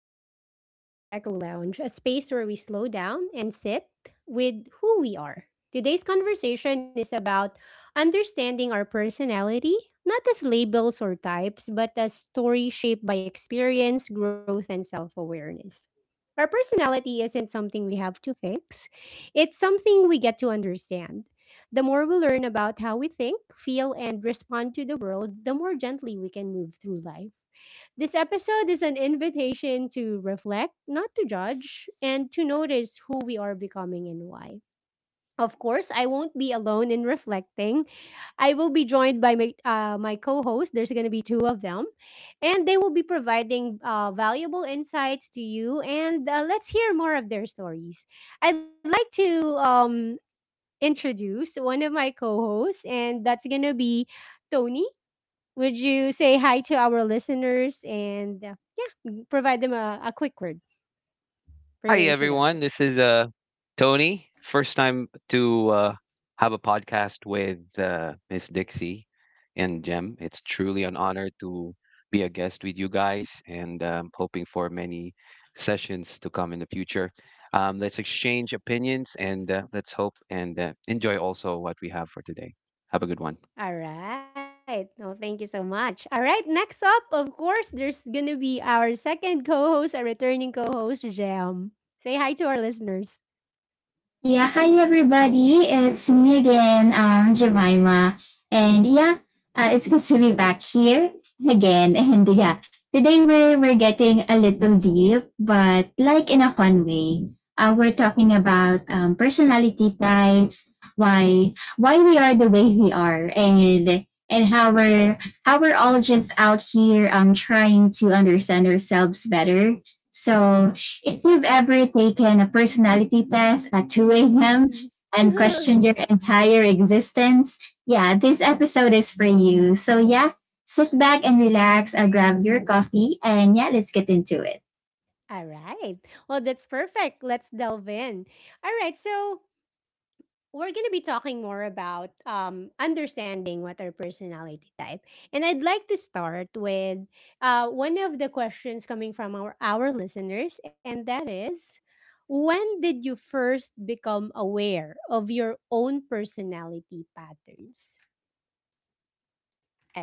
afternoon. Welcome back to Echo Lounge, a space where we slow down and sit with who we are. Today's conversation is about understanding our personality, not as labels or types, but as stories shaped by experience, growth, and self awareness. Our personality isn't something we have to fix, it's something we get to understand. The more we learn about how we think, feel, and respond to the world, the more gently we can move through life. This episode is an invitation to reflect, not to judge, and to notice who we are becoming and why. Of course, I won't be alone in reflecting. I will be joined by my co host. There's going to be two of them, and they will be providing valuable insights to you. And let's hear more of their stories. I'd like to introduce one of my co hosts, and that's going to be Tony. Would you say hi to our listeners and yeah, provide them a quick word for Hi your everyone, introduction? this is Tony. First time to have a podcast with Miss Dixie and Jem. It's truly an honor to be a guest with you guys, and hoping for many sessions to come in the future. Let's exchange opinions and let's hope and enjoy also what we have for today. Have a good one. All right. No, thank you so much. All right. Next up, of course, there's going to be our second co host, a returning co host, Jam. Say hi to our listeners. Yeah, hi everybody. It's me again, Jemima. And yeah, it's good to be back here again. And yeah, today we're getting a little deep, but like in a fun way. We're talking about personality types, why we are the way we are, and and how we're all just out here trying to understand ourselves better. So if you've ever taken a personality test at 2 a.m. and questioned your entire existence, yeah, this episode is for you. So, yeah, sit back and relax, grab your coffee, and yeah, let's get into it. All right. Well, that's perfect. Let's delve in. All right. So, we're going to be talking more about understanding what our personality type. And I'd like to start with one of the questions coming from our listeners, and that is when did you first become aware of your own personality patterns?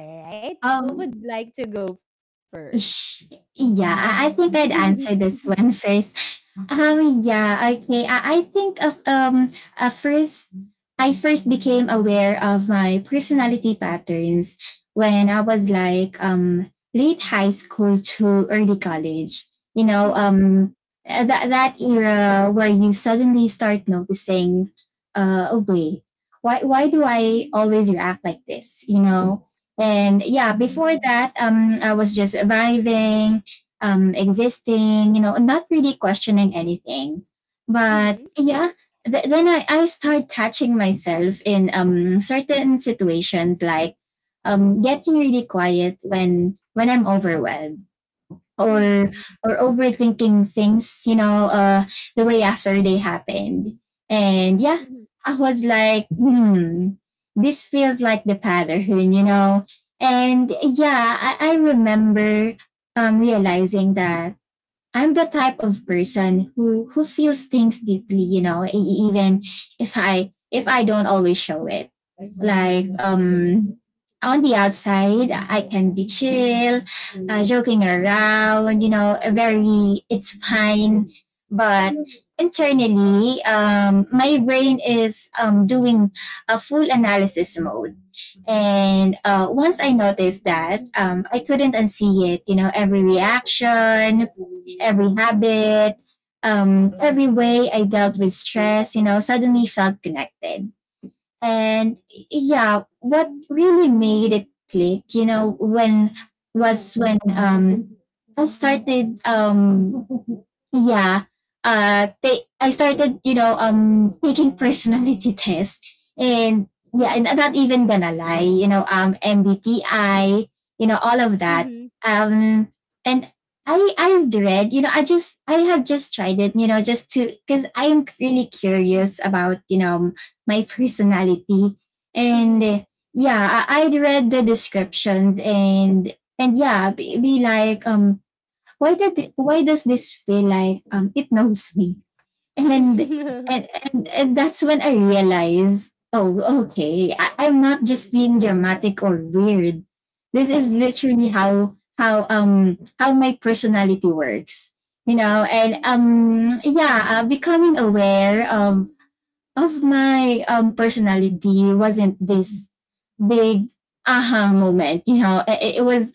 All right. Who Um, would like to go first? Ish- Yeah, I think I'd answer this one first. Yeah, okay. I think of first I first became aware of my personality patterns when I was like late high school to early college. You know, Mhm, that that era where you suddenly start noticing uh oh wait, why do I always react like this? You know? And yeah, before mhm, that, I was just vibing, existing, you know, not really questioning anything. But mhm, yeah, then I start catching myself in certain situations like getting really quiet when I'm overwhelmed or mhm, or overthinking things, you know, the way after they happened. And yeah, mhm, I was like, hmm, this feels like the pattern, you know. And yeah, I remember realizing that I'm the type of person who feels things deeply, you know, even if I don't always show it. Like on the outside, I can be chill, joking around, you know, a very, it's fine. But internally, my brain is, doing a full analysis mode. And once I noticed that, I couldn't unsee it. You know, every reaction, every habit, every way I dealt with stress, you know, suddenly felt connected, and yeah, what really made it click, you know, when was when i started um yeah I started, you know, taking personality test. And yeah, and I'm not even gonna lie, you know, MBTI, you know, all of mhm, that. mhm, Um and I've read, you know, I just I have just tried it, you know, just to, because I am really curious about, you know, my personality. mhm, And mhm. Yeah, I'd read the descriptions, and yeah, be like, why why does this feel like it knows me? And and that's when I realized, oh, okay, I'm not just being dramatic or weird. This is Uh-huh. literally how my personality works, you know. And yeah, becoming aware of my personality wasn't this big aha moment, you know. It was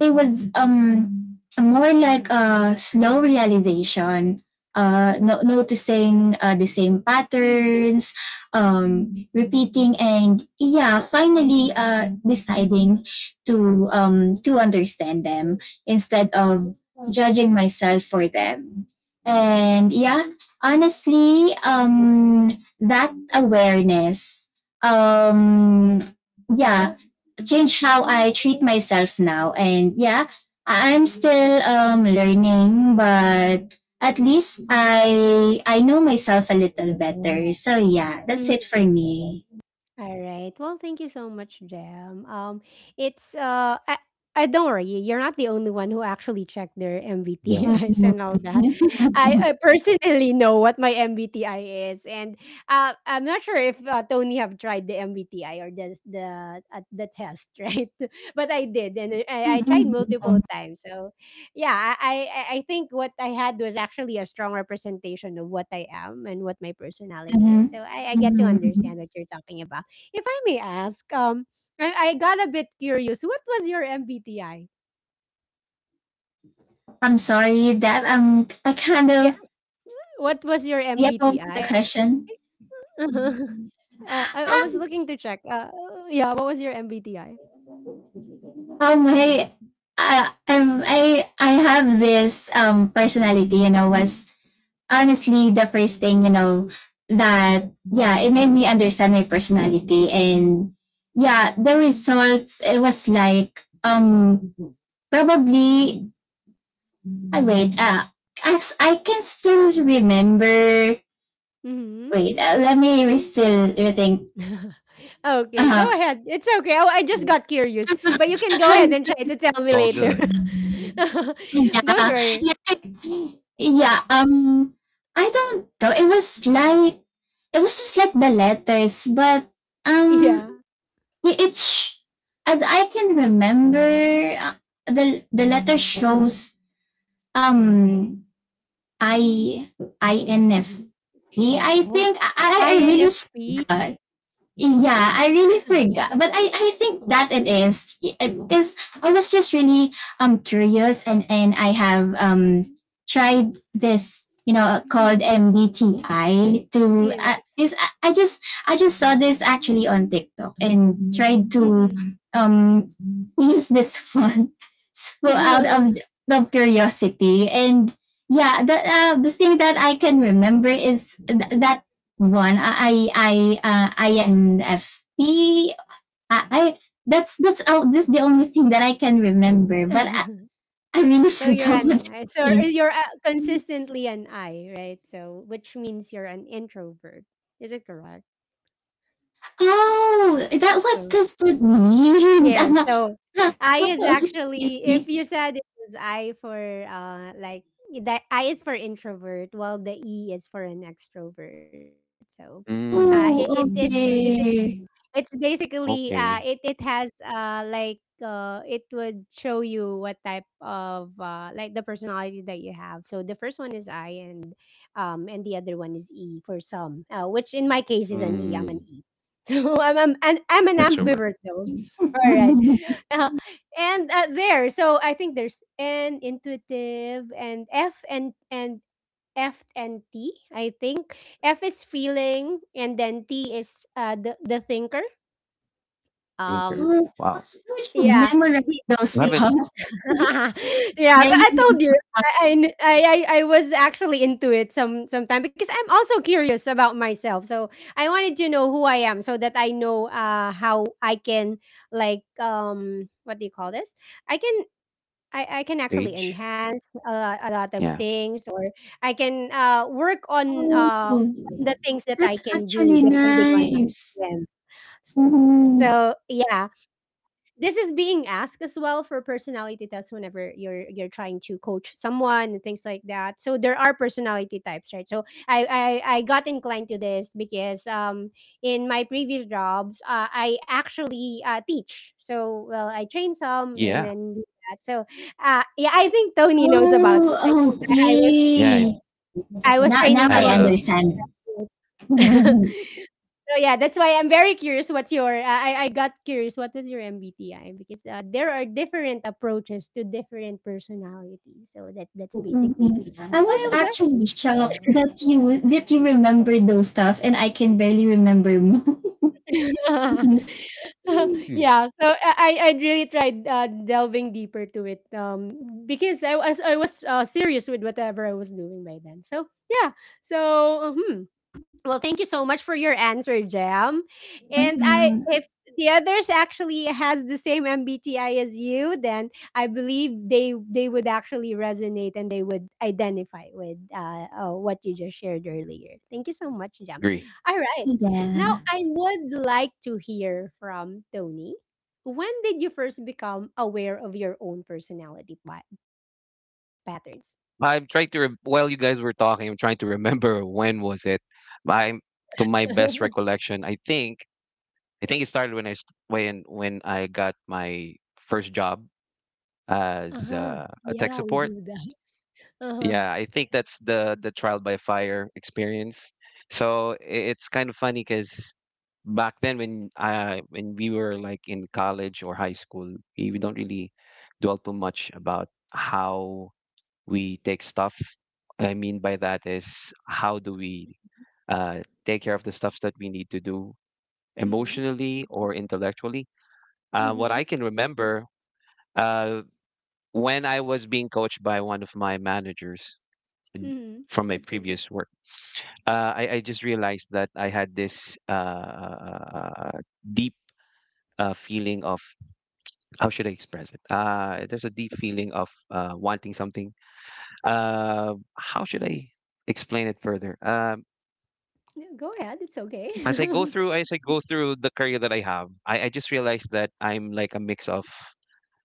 it was more like a slow realization, Mhm. noticing the same patterns repeating, and yeah, finally deciding to understand them instead of judging myself for them. And yeah, honestly, that awareness um yeah change how I treat myself now. And yeah, am still, learning, but at least I know myself a little better. So yeah, that's it for me. All right. Well, thank you so much, Jam. It's uh, I, I don't worry. You're not the only one who actually checked their Yeah. MBTIs Mhm. and all that. I personally know what my MBTI is, and I'm not sure if Tony have tried the MBTI or the test, right? But I did, and I tried Mhm. multiple It's times. So, yeah, I think what I had was actually a strong representation of what I am and what my personality is. So I get to understand Mhm. what you're talking about. If I may ask, I got a bit curious. What was your MBTI? I'm sorry that I kind of, Yeah, what was your yeah, what was the MBTI? question. uh, I was looking Ah, to check. Yeah, what was your MBTI? Hey, I have this personality, you know, was honestly the first thing, you know, that yeah, it made me understand my personality. And yeah, the results, it was like, probably, I wait, as I can still remember, Mm-hmm. wait, let me still rethink. Okay, go uh, ahead. It's okay. Oh, I just got curious, but you can go ahead and try to tell me all later. good. Don't yeah, worry. yeah yeah um I don't know, it was like it was just like the letters. But um Yeah. Yeah, it's as I can remember, uh, the letter shows um I I N F. Mhm. INFP. I Oh, think I really INFP. forgot. Yeah, I really forgot. But I think that it is because I was just really curious, and I have tried this, you know, called Mm-mm. MBTI to Yes. is I just saw this actually on TikTok and tried to Mm-mm. um who's this one? So out of curiosity, and yeah, the thing that I can remember is that one. I INFP. I that's oh, that's the only thing that I can remember. But I really So you're forgot what an it so means. you're consistently an I, right? So which means you're an introvert. Is it correct? Oh, that what So does that mean? yeah. I'm not. So I is actually, if you said it was I for like, the I is for introvert, while the E is for an extrovert. So uh it, it Oh, Mm, is it okay. it's basically, it okay. it has, it would show you what type of, the personality that you have. So the first one is I, and and the other one is E for some, which in my case is an E. I'm an Mm, E. So I'm an extrovert, ambivert though. All right. Uh, so I think there's N, intuitive, and F and T, I think. F is feeling, and then T is the thinker. thinker. Um, Oh, Wow. you should yeah, memorize the those I the haven't stuff. yeah. So Daily I told you, memorize. I I was actually into it some sometime because I'm also curious about myself. So I wanted to know who I am so that I know how I can like what do you call this? I can I can actually age. enhance a lot of Yeah. things, or I can, work Oh, on the things that I that's can do actually depending on my nice. strength. So, Mhm. yeah, this is being asked as well for personality tests whenever you're trying to coach someone and things like that, so there are personality types, right? So I got inclined to this because in my previous jobs I actually teach, so well I train some and Yeah. then do that. So yeah, I think Tony knows about it. I think Oh, i, I was Yeah. I, okay. I was Now, now training I I had some of his a. understand. so yeah, that's why I'm very curious. What's your? I got curious. What was your MBTI? Because there are different approaches to different personalities. So that that's basically I why was I was actually asking. shocked that you remember those stuff, and I can barely remember mine. Hmm. Yeah. So I really tried delving deeper to it. Because I was serious with whatever I was doing by then. So yeah. So Well, thank you so much for your answer, Jam. And I, if Mhm. the others actually has the same MBTI as you, then I believe they would actually resonate and they would identify with what you just shared earlier. Thank you so much, Jam. Agree. All right. Now Yeah. I would like to hear from Tony. When did you first become aware of your own personality patterns? I'm trying to rem while you guys were talking, I'm trying to remember when was it. I'm To my best recollection, I think it started when when I got my first job as Uh-huh. A tech Yeah, we support. do that. Uh-huh. Yeah, I think that's the trial by fire experience. So it's kind of funny because back then when we were like in college or high school, we don't really dwell too much about how we take stuff. I mean by that is how do we uh, take care of the stuff that we need to do Mm-mm. emotionally or intellectually. What Mm-hmm. I can remember, uh, when I was being coached by one of my managers, n- from my previous work. I just realized that I had this uh, deep, feeling of — how should I express it? There's a deep feeling of wanting something. How should I explain it further? No, go ahead, it's okay. As I go through the career that I have, I just realized that I'm like a mix of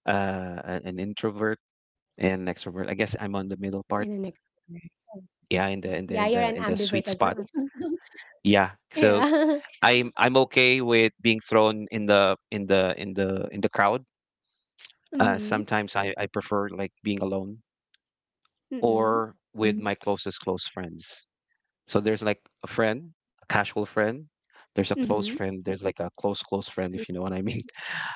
uh, an introvert and an extrovert. I guess And the I'm on the next— middle part. Yeah, yeah, in you're the an in the in the ambivert in as the I sweet am. spot. Mm. Yeah. So Yeah. I'm I'm okay with being thrown in the crowd. Uh, Mhm. sometimes I prefer like being alone Mm-mm. or with my closest close friends. So there's like a friend, a casual friend. Mhm. There's a close friend. There's like a Yeah. close close friend, if you know what I mean.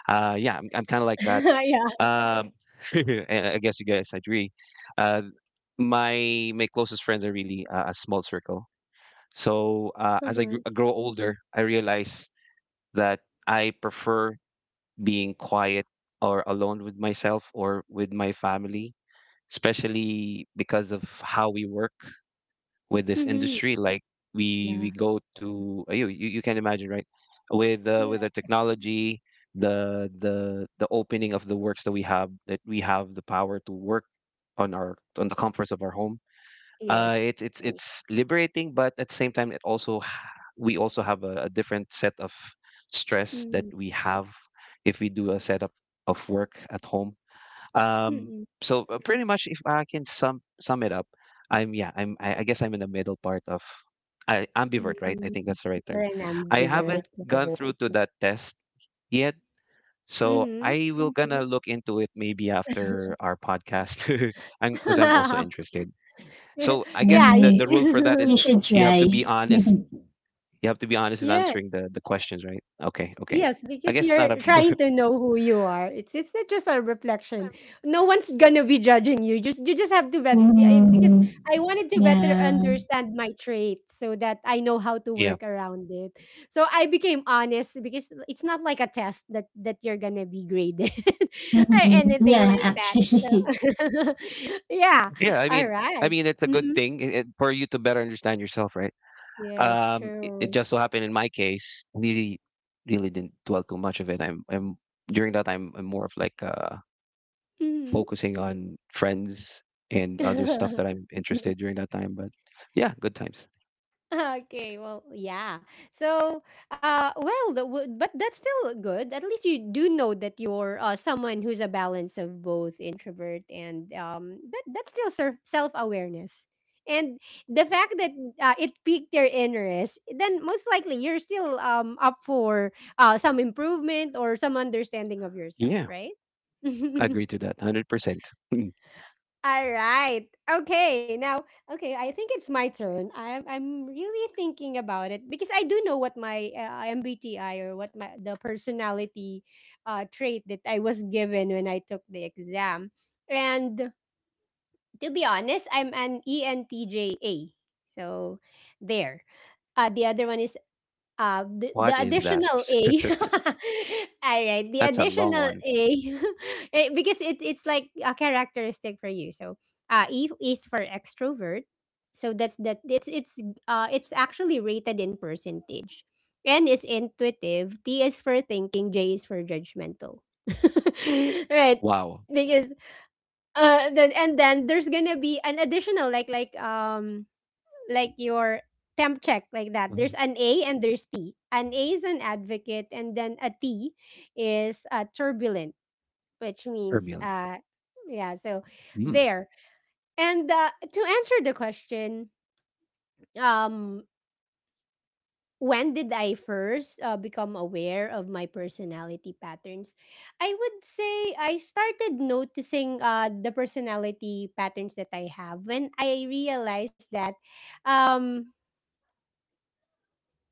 Yeah, I'm kind of like that. Yeah. Um, and I guess you guys agree. Uh, my closest friends are really a small circle. So Uh-huh. as I grow older, I realize that I prefer being quiet or alone with myself or with my family, especially because of how we work with this Mhm. industry. Like we Yeah. we go to, you can imagine, right, Yeah. with the technology, the opening of the works that we have the power to work on the comforts of our home. uh, Yes. it's it's it's liberating, but at the same time, we also have a different set of stress that Mm. we have if we do a setup of work at home. Um, Mm-mm. so pretty much, if I can sum it up, I'm yeah, I guess I'm in the middle part of ambivert, right? I Mm-mm. think that's the right term. You're an I haven't ambivert. gone through to that test yet. So Mhm. I will gonna look into it maybe after our podcast, because I'm 'cause I'm also interested. Yeah. So I Yeah. guess the Mhm. the rule for that y- You is should you have try. to be honest. You have to be honest in Yes. answering the questions, right? Okay, okay. Yes, I because guess it's not a you're problem. trying to know who you are. It's not just a reflection. No one's gonna be judging you. Just have to bet, yeah, because Mhm. I wanted to better Yeah. understand my trait so that I know how to Yeah, work around it. So I became honest because it's not like a test that you're gonna be graded or Mhm. anything Yeah, like that. So actually. yeah, yeah. I mean, all I right. mean, it's a good Mhm. thing, for you to better understand yourself, right? Yes, It true. just so happened in my case, really didn't dwell too much of it. I'm During that time, I'm more of like Mhm. focusing on friends and other stuff that I'm interested during that time. But yeah, good times. Okay, well, so but that's still good. At least you do know that you're someone who's a balance of both introvert and that that's still self-awareness, and the fact that it piqued your interest, then most likely you're still up for some improvement or some understanding of yourself, Yeah, right? I agree to that, 100%. All right. Okay. Now, okay, I think it's my turn. I'm really thinking about it because I do know what my MBTI, or what my the personality trait that I was given when I took the exam. And to be honest, I'm an ENTJA. So there. The other one is uh, the, What the is that? additional A. All right, the That's a long additional one. A, eh, because it, it's like a characteristic for you. So, E is for extrovert. So that's that. It's actually rated in percentage. N is intuitive. T is for thinking. J is for judgmental. Right, Wow. because then and then there's gonna be an additional like your temp check like that. There's Mhm. an A and there's T. An A is an advocate, and then a T is turbulent, which means Turbulent. Yeah. So Mm. there. And to answer the question, um, when did I first become aware of my personality patterns? I would say I started noticing the personality patterns that I have when I realized that um,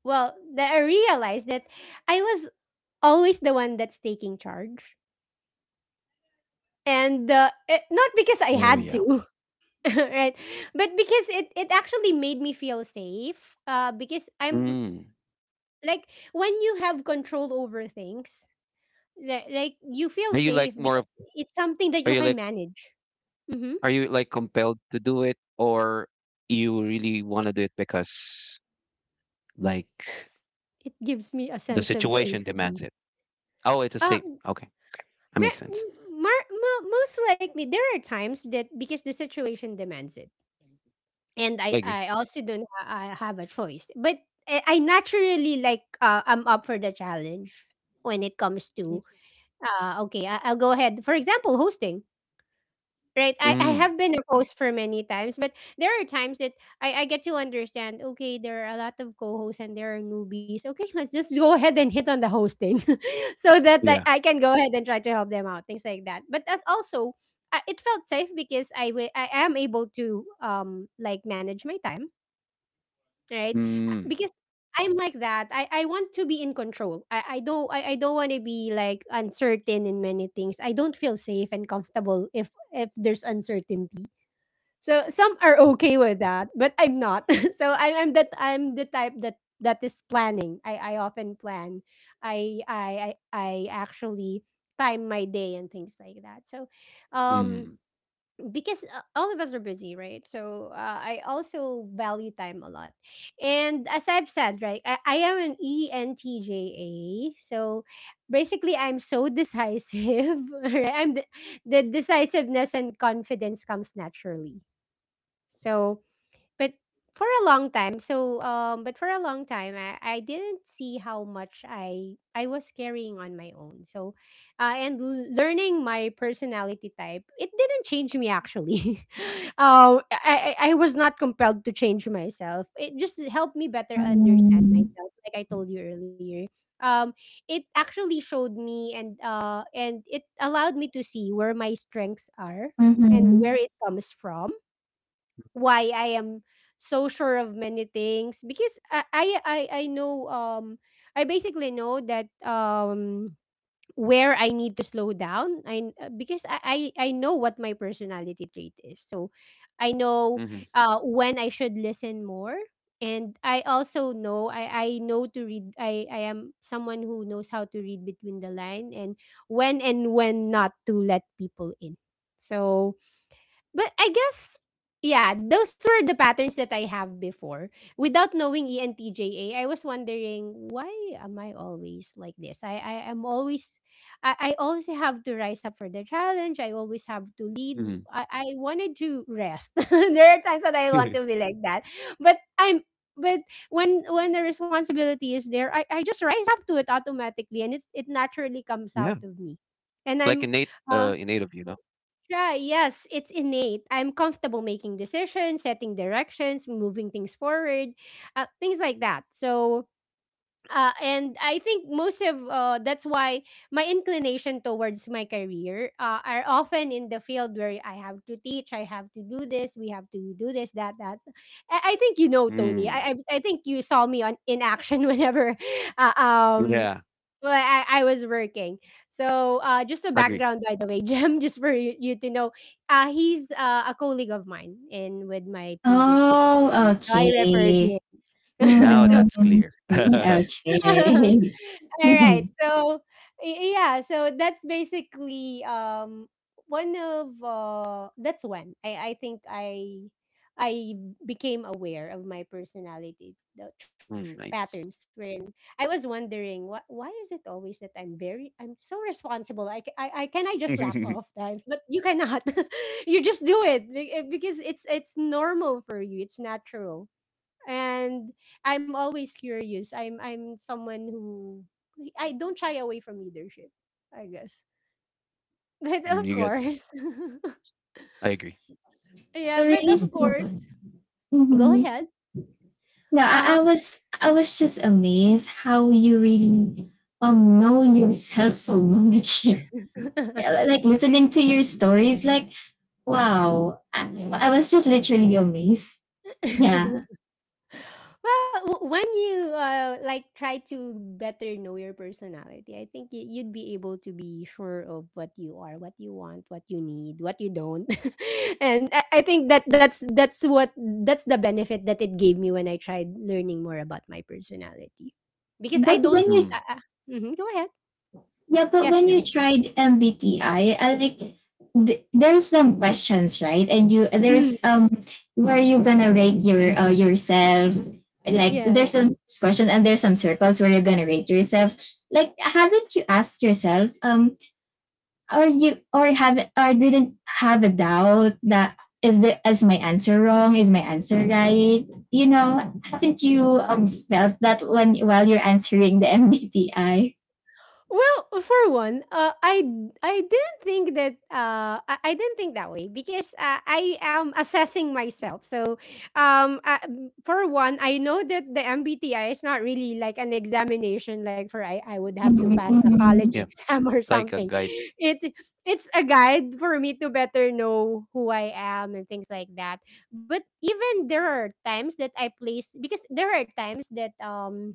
well that I realized that I was always the one that's taking charge, and not because I Oh had yeah. to right, but because it actually made me feel safe because I'm Mm. like, when you have control over things, like you feel Are you safe like more because of it's something that are you you can like manage. Mm-hmm. are you like compelled to do it, or you really want to do it because, like, It gives me a the sense of situation safety. demands it? Oh, it's a uh, safe. Okay, that makes sense. Most likely there are times that because the situation demands it, and I agree. I also don't I have a choice. But I naturally I'm up for the challenge when it comes to okay, I'll go ahead, for example, hosting. Right, I Mm. have been a host for many times, but there are times that I get to understand, okay, there are a lot of co-hosts and there are newbies, okay. Let's just go ahead and hit on the hosting. So that I, Yeah. I can go ahead and try to help them out, things like that. But that's also it felt safe because I am able to like manage my time, right. Mm. Because I'm like that, I want to be in control. I don't want to be like uncertain in many things. I don't feel safe and comfortable if there's uncertainty. So some are okay with that, but I'm not. So I'm the type that is planning. I often plan. I actually time my day and things like that. So um Mm. because all of us are busy, right? So I also value time a lot. And as I've said, right, I am an entja, so basically I'm so decisive. Right, the decisiveness and confidence comes naturally. So but for a long time, I didn't see how much I was carrying on my own. So, learning my personality type, it didn't change me actually. I was not compelled to change myself. It just helped me better understand Mhm. myself, like I told you earlier. Um, it actually showed me, and it allowed me to see where my strengths are and where Mhm. it comes from, why I am so sure of many things. Because I know, I basically know that, where I need to slow down, I, because I know what my personality trait is. So I know Mm-hmm. When I should listen more. And I also know, I know to read. I am someone who knows how to read between the line, and when not to let people in. So but I guess, yeah, those were the patterns that I have before. Without knowing ENTJA, I was wondering, why am I always like this? I am always, I always have to rise up for the challenge. I always have to lead. Mm-hmm. I wanted to rest. There are times that I want to be like that. But I'm but when the responsibility is there, I just rise up to it automatically, and it naturally comes out Yeah. of me. And Like I'm innate, uh, innate of you, know. try. Yes, it's innate. I'm comfortable making decisions, setting directions, moving things forward, things like that. So, and I think most of that's why my inclination towards my career are often in the field where I have to teach, I have to do this, we have to do this, that, that. I think, you know, Tony. Mm. I think you saw me on in action whenever uh, um Yeah. well, I was working. So, just a Agree. background, by the way, Jim, just for you to know, he's a colleague of mine in with my previous company. Oh, So I referred him. okay. Now So Mhm. that's clear. Mhm. all Okay. right. Mhm. So yeah, so that's basically one of that's when I think I became aware of my personality, the Mm, patterns nice. wherein I was wondering, what, why is it always that I'm very, I'm so responsible. I can, I just lap off times, but you cannot. You just do it because it's normal for you, it's natural. And I'm always curious. I'm someone who, I don't shy away from leadership, I guess. But Mm, of you get. course, I agree. yeah. But Really? of course, go Mhm. ahead. No, Uh I was just amazed how you really know yourself so much. Yeah, like listening to your stories, like wow, I was just literally amazed. huh. Yeah, Well, when you like try to better know your personality, I think you'd be able to be sure of what you are, what you want, what you need, what you don't, and I think that's the benefit that it gave me when I tried learning more about my personality, because I but don't. when you Mm, Uh, uh, mhm, go ahead. Yeah, but Yes, when you ma'am. tried MBTI, I like there's some questions, right? And you, Mhm, there's where you gonna rate your, yourself. Like there's yes. some question and there's some circles where you're gonna rate yourself. Like haven't you asked yourself or you, or have, or didn't have a doubt that is the, is my answer wrong, is my answer right, you know? Haven't you, felt that when while you're answering the MBTI? Well, for one, I didn't think that, I didn't think that way because I am assessing myself. So, um, uh, for one, I know that the MBTI is not really like an examination. Like for, I would have to pass a Mm, college yeah, exam or like a something. guide. It it's a guide for me to better know who I am and things like that. But even there are times that I place, because there are times that,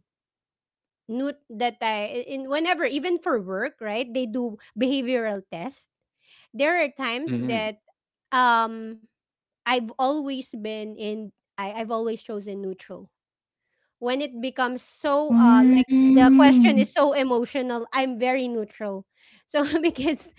note that I in whenever, even for work, right? They do behavioral test. There are times Mm. that um I've always been in, I've always chosen neutral when it becomes so like, the mm, question is so emotional. I'm very neutral. So because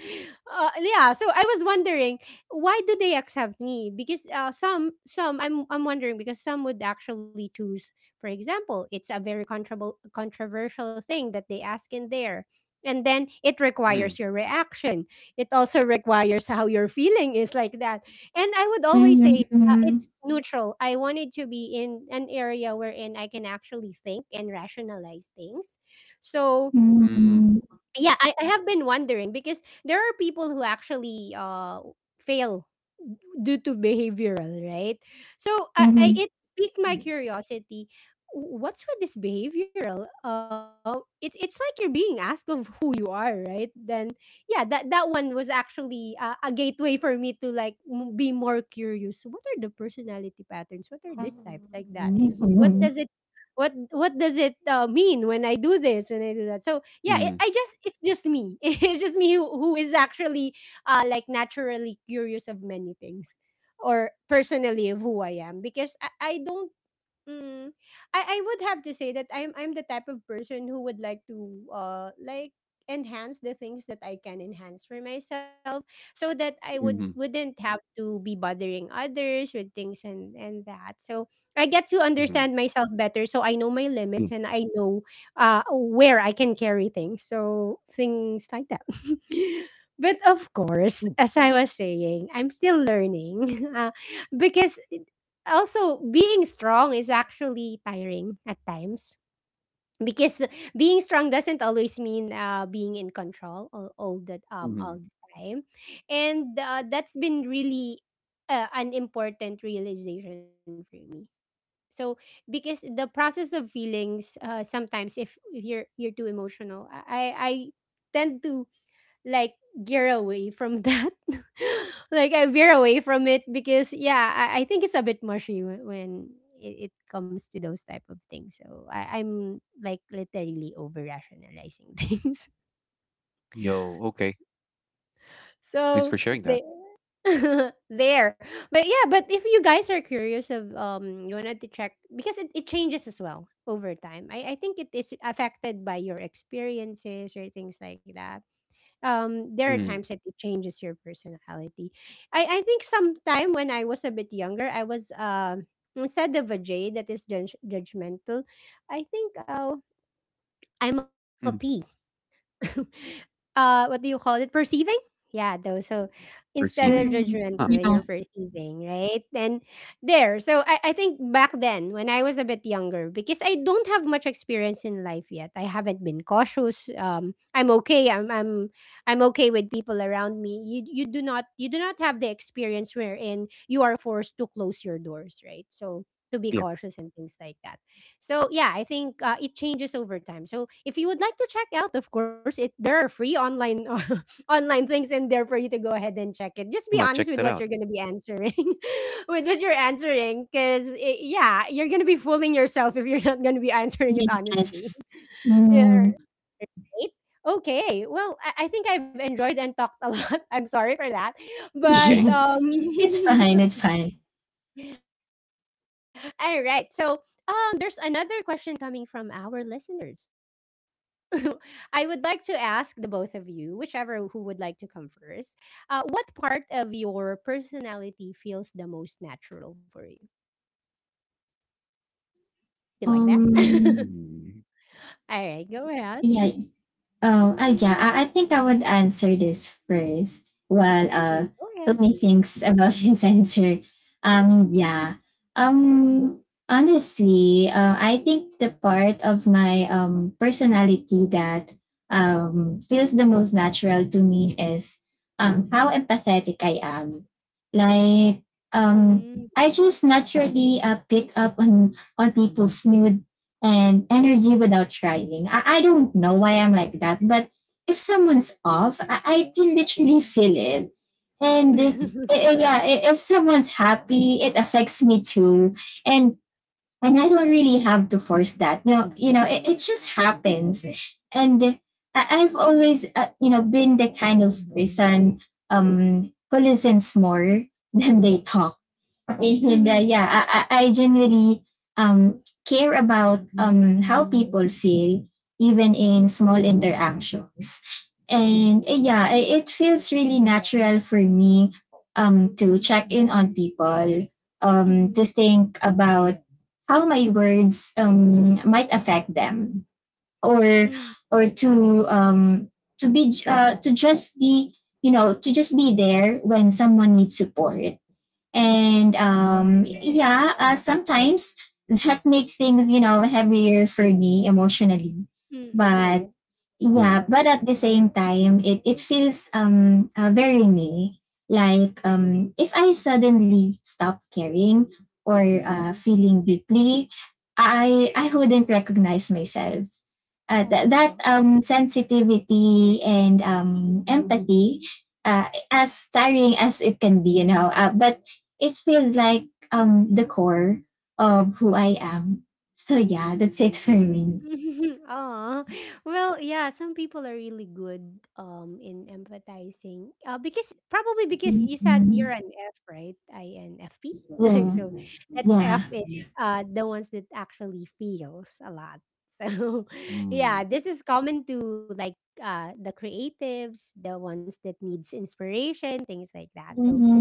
yeah, so I was wondering, why do they accept me? Because some, I'm wondering, because some would actually choose, for example, it's a very controversial thing that they ask in there, and then it requires Mm. your reaction. It also requires how your feeling is, like that. And I would always say, mm, it's neutral. I wanted to be in an area wherein I can actually think and rationalize things. So mm, Mm. yeah, mm, I have been wondering because there are people who actually fail due to behavioral, right? So I, mm, it piqued my curiosity. What's with this behavioral? It's like you're being asked of who you are, right? Then yeah, that that one was actually a gateway for me to like be more curious. What are the personality patterns? What are these types, like that? What does Mhm. it, what does it mean when I do this, when I do that? So yeah, Mm. It's just me. It's just me who is actually like naturally curious of many things, or personally of who I am. Because I don't. Mm. I would have to say that I'm the type of person who would like to like enhance the things that I can enhance for myself, so that I would Mm. Mm. wouldn't have to be bothering others with things, and that. So I get to understand myself better, so I know my Mm. limits and I know where I can carry things. So things like that. But of course, Mm. as I was saying, I'm still learning. Because also, being strong is actually tiring at times, because being strong doesn't always mean being in control Mm. all the time, and that's been really an important realization for me. So, because the process of feelings, sometimes if you're too emotional, I tend to like gear away from that. Like I veer away from it, because yeah, I think it's a bit mushy when it comes to those type of things. So I'm like literally over rationalizing things. Yo, okay. Thanks for So sharing that. they, there, but yeah, but if you guys are curious of, you wanted to check, because it changes as well over time. I think it is affected by your experiences or things like that. Um, there are Mm. times that it changes your personality. I think sometime when I was a bit younger, I was, instead of a J that is judgmental, I think I'm a P. Mm. What do you call it, perceiving. Yeah, though, so instead of Receiving. Mm. Huh, judgmental, Yeah, you're perceiving, right? And there, so I think back then, when I was a bit younger, because I don't have much experience in life yet, I haven't been cautious. I'm okay, I'm okay with people around me. You do not, you do not have the experience wherein you are forced to close your doors, right? So to be yeah. cautious and things like that. So yeah, I think it changes over time. So if you would like to check out, of course, it there are free online online things in there for you to go ahead and check it. Just I be might check honest with that what out. you're going to be answering, with what you're answering, because yeah, you're going to be fooling yourself if you're not going to be answering it honestly. yes. Yeah. Mm. Right? Okay. Well, I think I've enjoyed and talked a lot. I'm sorry for that, Okay. but Yes. It's fine, it's fine. all right. So there's another question coming from our listeners. I would like to ask the both of you, whichever who would like to come first, what part of your personality feels the most natural for you? You like that? Um, Mm. All right, go ahead. yeah. Oh, yeah. I think I would answer this first while Mm, go ahead. Tony thinks about his answer. Yeah. Um, honestly, I think the part of my personality that feels the most natural to me is how empathetic I am. Like, Mm. um, I just naturally, pick up on people's mood and energy without trying. I don't know why I'm like that, but if someone's off, I can literally feel it. And yeah, if someone's happy, it affects me too. And and I don't really have to force that. You know, it just happens. And I've always, you know, been the kind of person who listens more than they talk. And Mhm, yeah, I generally care about, how people feel, even mm, in small interactions. And yeah, it feels really natural for me, to check in on people, mhm, to think about how my words, might affect them, or mm, or um, to be, to just be, you know, to just be there when someone needs support. And yeah, sometimes that make things, you know, heavier for me emotionally. mm, But Mm. yeah, but at the same time, it feels very me. Like if I suddenly stop caring or mm, mm. feeling deeply, I wouldn't recognize myself. Aw. That sensitivity and empathy, as tiring as it can be, you know. But it feels like the core of who I am. So yeah, that's it for Mm. me. Aw. Well, yeah, some people are really good in empathizing. Uh, because probably because you said you're Mhm. an F, right? INFP. So Yeah. that's, F is Yeah. The ones that actually feels a lot. So yeah, Mm. this is common to like the creatives, the ones that needs inspiration, things like that. So Hmm.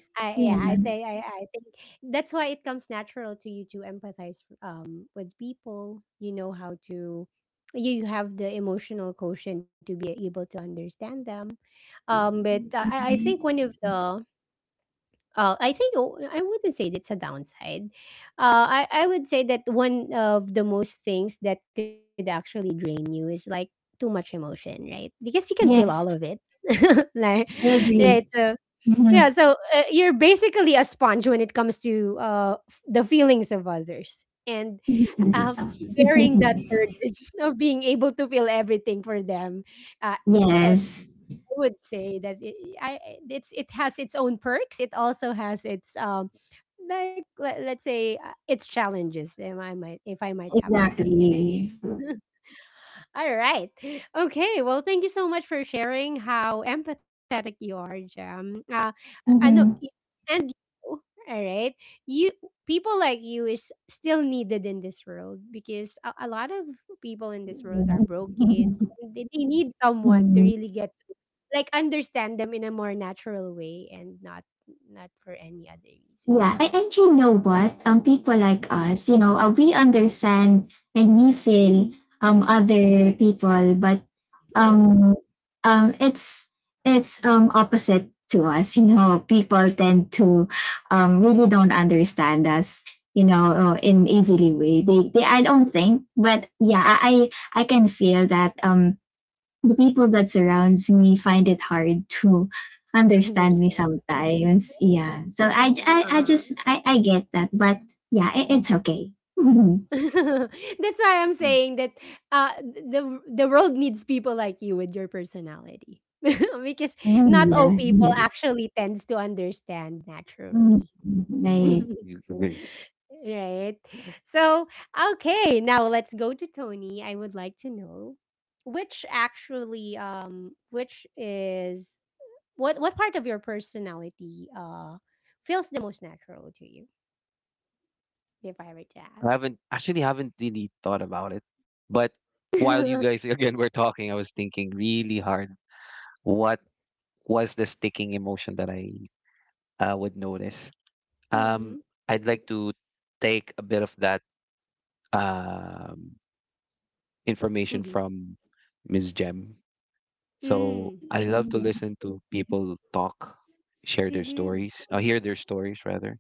I, yeah, I think Yeah. I think that's why it comes natural to you to empathize with people. You know how to you have the emotional quotient to be able to understand them. But I, think one of the I think I wouldn't say that's a downside. I, would say that one of the most things that could actually drain you is like too much emotion, right? Because you can feel all Yes, of it. like, I right. agree. So Mm-hmm. yeah, so you're basically a sponge when it comes to the feelings of others and um, bearing that burden of being able to feel everything for them. Uh, I Yes, I would say that it's it has its own perks. It also has its like let's say its challenges. If I might have to exactly. say it. All right. Okay. Well, thank you so much for sharing how empathetic you are, Jam. I know, Mm-hmm. And you, all right, you people like you is still needed in this world because a lot of people in this world are broken. And they need someone to Mm-hmm. really get to like understand them in a more natural way and not not for any other Yeah, reasons. And you know what? People like us, you know, we understand and we feel, other people, Mm-hmm. but um it's opposite to us. You know, people tend to really don't understand us. You know, in easily way. They I don't think, but yeah, I can feel that the people that surrounds me find it hard to understand me Understand. sometimes. Yeah. So I just, I get that. But yeah, it, it's okay. That's why I'm Mm. saying that the world needs people like you with your personality because not all Yeah. people Yeah. actually tends to understand Mm, naturally. You agree. Right. So okay, now let's go to Tony. I would like to know which actually which is what part of your personality feels the most natural to you if I were to I ask. haven't actually haven't really thought about it, but while you guys again were talking, I was thinking really hard. What was the sticking emotion that I, would notice? Um, Mm-hmm. I'd like to take a bit of that, um, information from Ms. Jem. So Hmm, I love to listen to people talk, share their mhm, stories, hear their stories rather.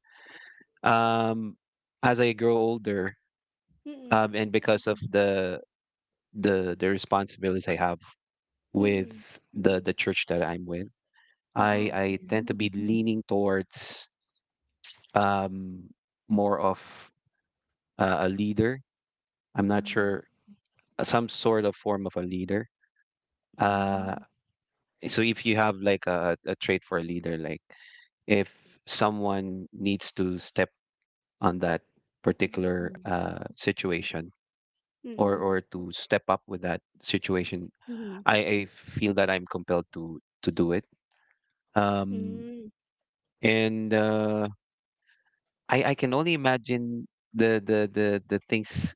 Um, as I grow older, mm, and because of the responsibilities I have with mm. the church that I'm with, I Oho, I yeah. tend to be leaning towards, um more of, a leader. I'm not sure, Um, some sort of form of a leader. Uh, hmm, so if you have like, a trait for a leader, like if someone needs to step on that particular, mm, situation, or to step up with that situation, mhm, I feel that I'm compelled to do it. Um, hmm, and I can only imagine the things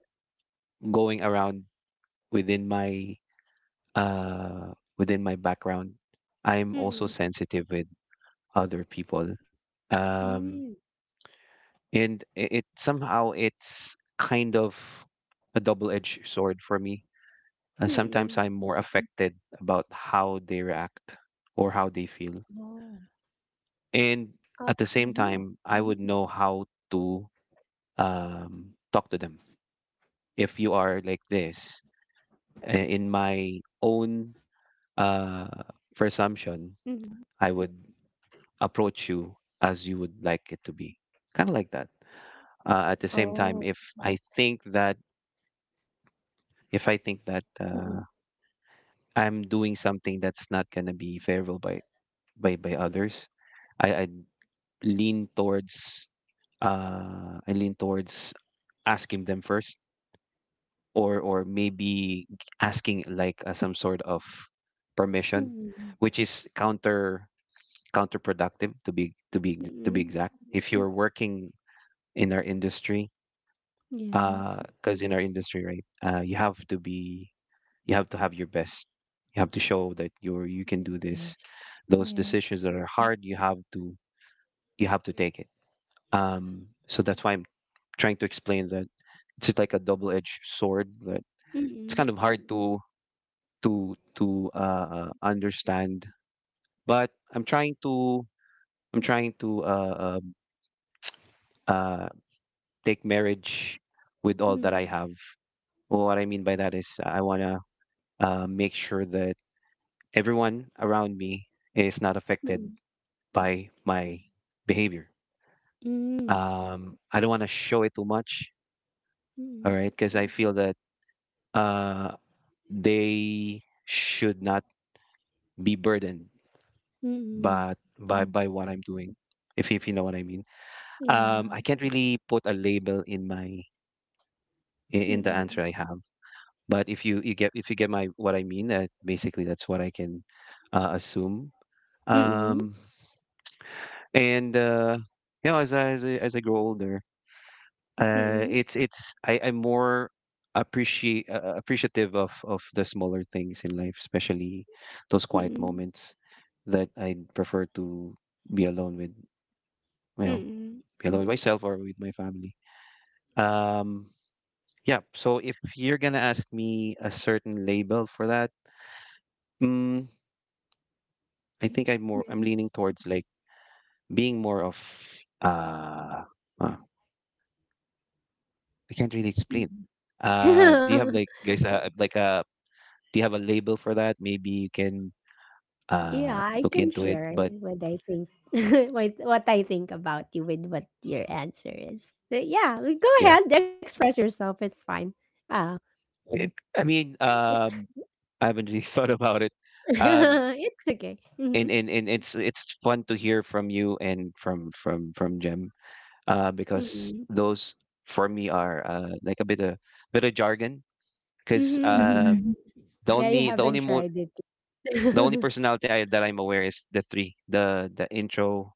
going around within my, uh within my background. I'm also mm, sensitive with other people, um hmm, and it somehow, it's kind of a double-edged sword for me. uh, mm. sometimes i'm more affected about how they react or how they feel, Oh. and Ah, at the same mhm, time I would know how to, um talk to them. If you are like this, in my own, uh mhm. presumption, I would approach you as you would like it to be, kind of like that. At the same Oh, time, if I think that, if i think that mhm, uh, I'm doing something that's not going to be favorable by, others, I lean towards, uh i lean towards asking them first, or maybe asking like, some sort of permission, mhm, which is counterproductive, to be to be to be hmm. exact, if you're working in our industry. Yes. Because in our industry, right, you have to have your best. You have to show that you can do this. Yes. Those Yes. decisions that are hard, you have to take it. Um, so that's why I'm trying to explain that it's like a double-edged sword, that it's kind Mm, of hard, to understand. But I'm trying to, uh, uh, take marriage with all that I have. Well, what I mean by that is I wanna, make sure that everyone around me is not affected mm, by my behavior. mm, I don't want to show it too much, hmm, all mm, right? Because I feel that, uh, they should not be burdened mm. by, by Mm. by what I'm doing, if you know what I mean. I Yeah, can't really put a label in the answer mm, I have, but if you get my, what I mean. Basically, that's what I can, assume. mm, Um, and you know, as I grow older, mm, it's I I'm more appreciate appreciative of the smaller things in life, especially those quiet mm, moments that I prefer to be alone with. You know, mm, be alone with myself or with my family. Um, yeah. So if you're gonna ask me a certain label for that, mm, I think, yeah, I'm leaning towards like being more of, uh, uh I can't really explain. Do you have, mm. like, guys, like a do you have a label for that? Maybe you can Yeah, I look can into it. share But what I think, what I think about you with what your answer is. But yeah, go yeah, ahead, express yourself. It's fine. Ah, it, I mean, I haven't really thought about it. Um, it's okay. and, Mm-hmm. and and it's it's fun to hear from you and from Jem, because Mm-hmm. those for me are like a bit of, jargon, because Mm-hmm. The Yeah, you only the only haven't mo tried it. the only personality, that I'm aware, is the three — the intro,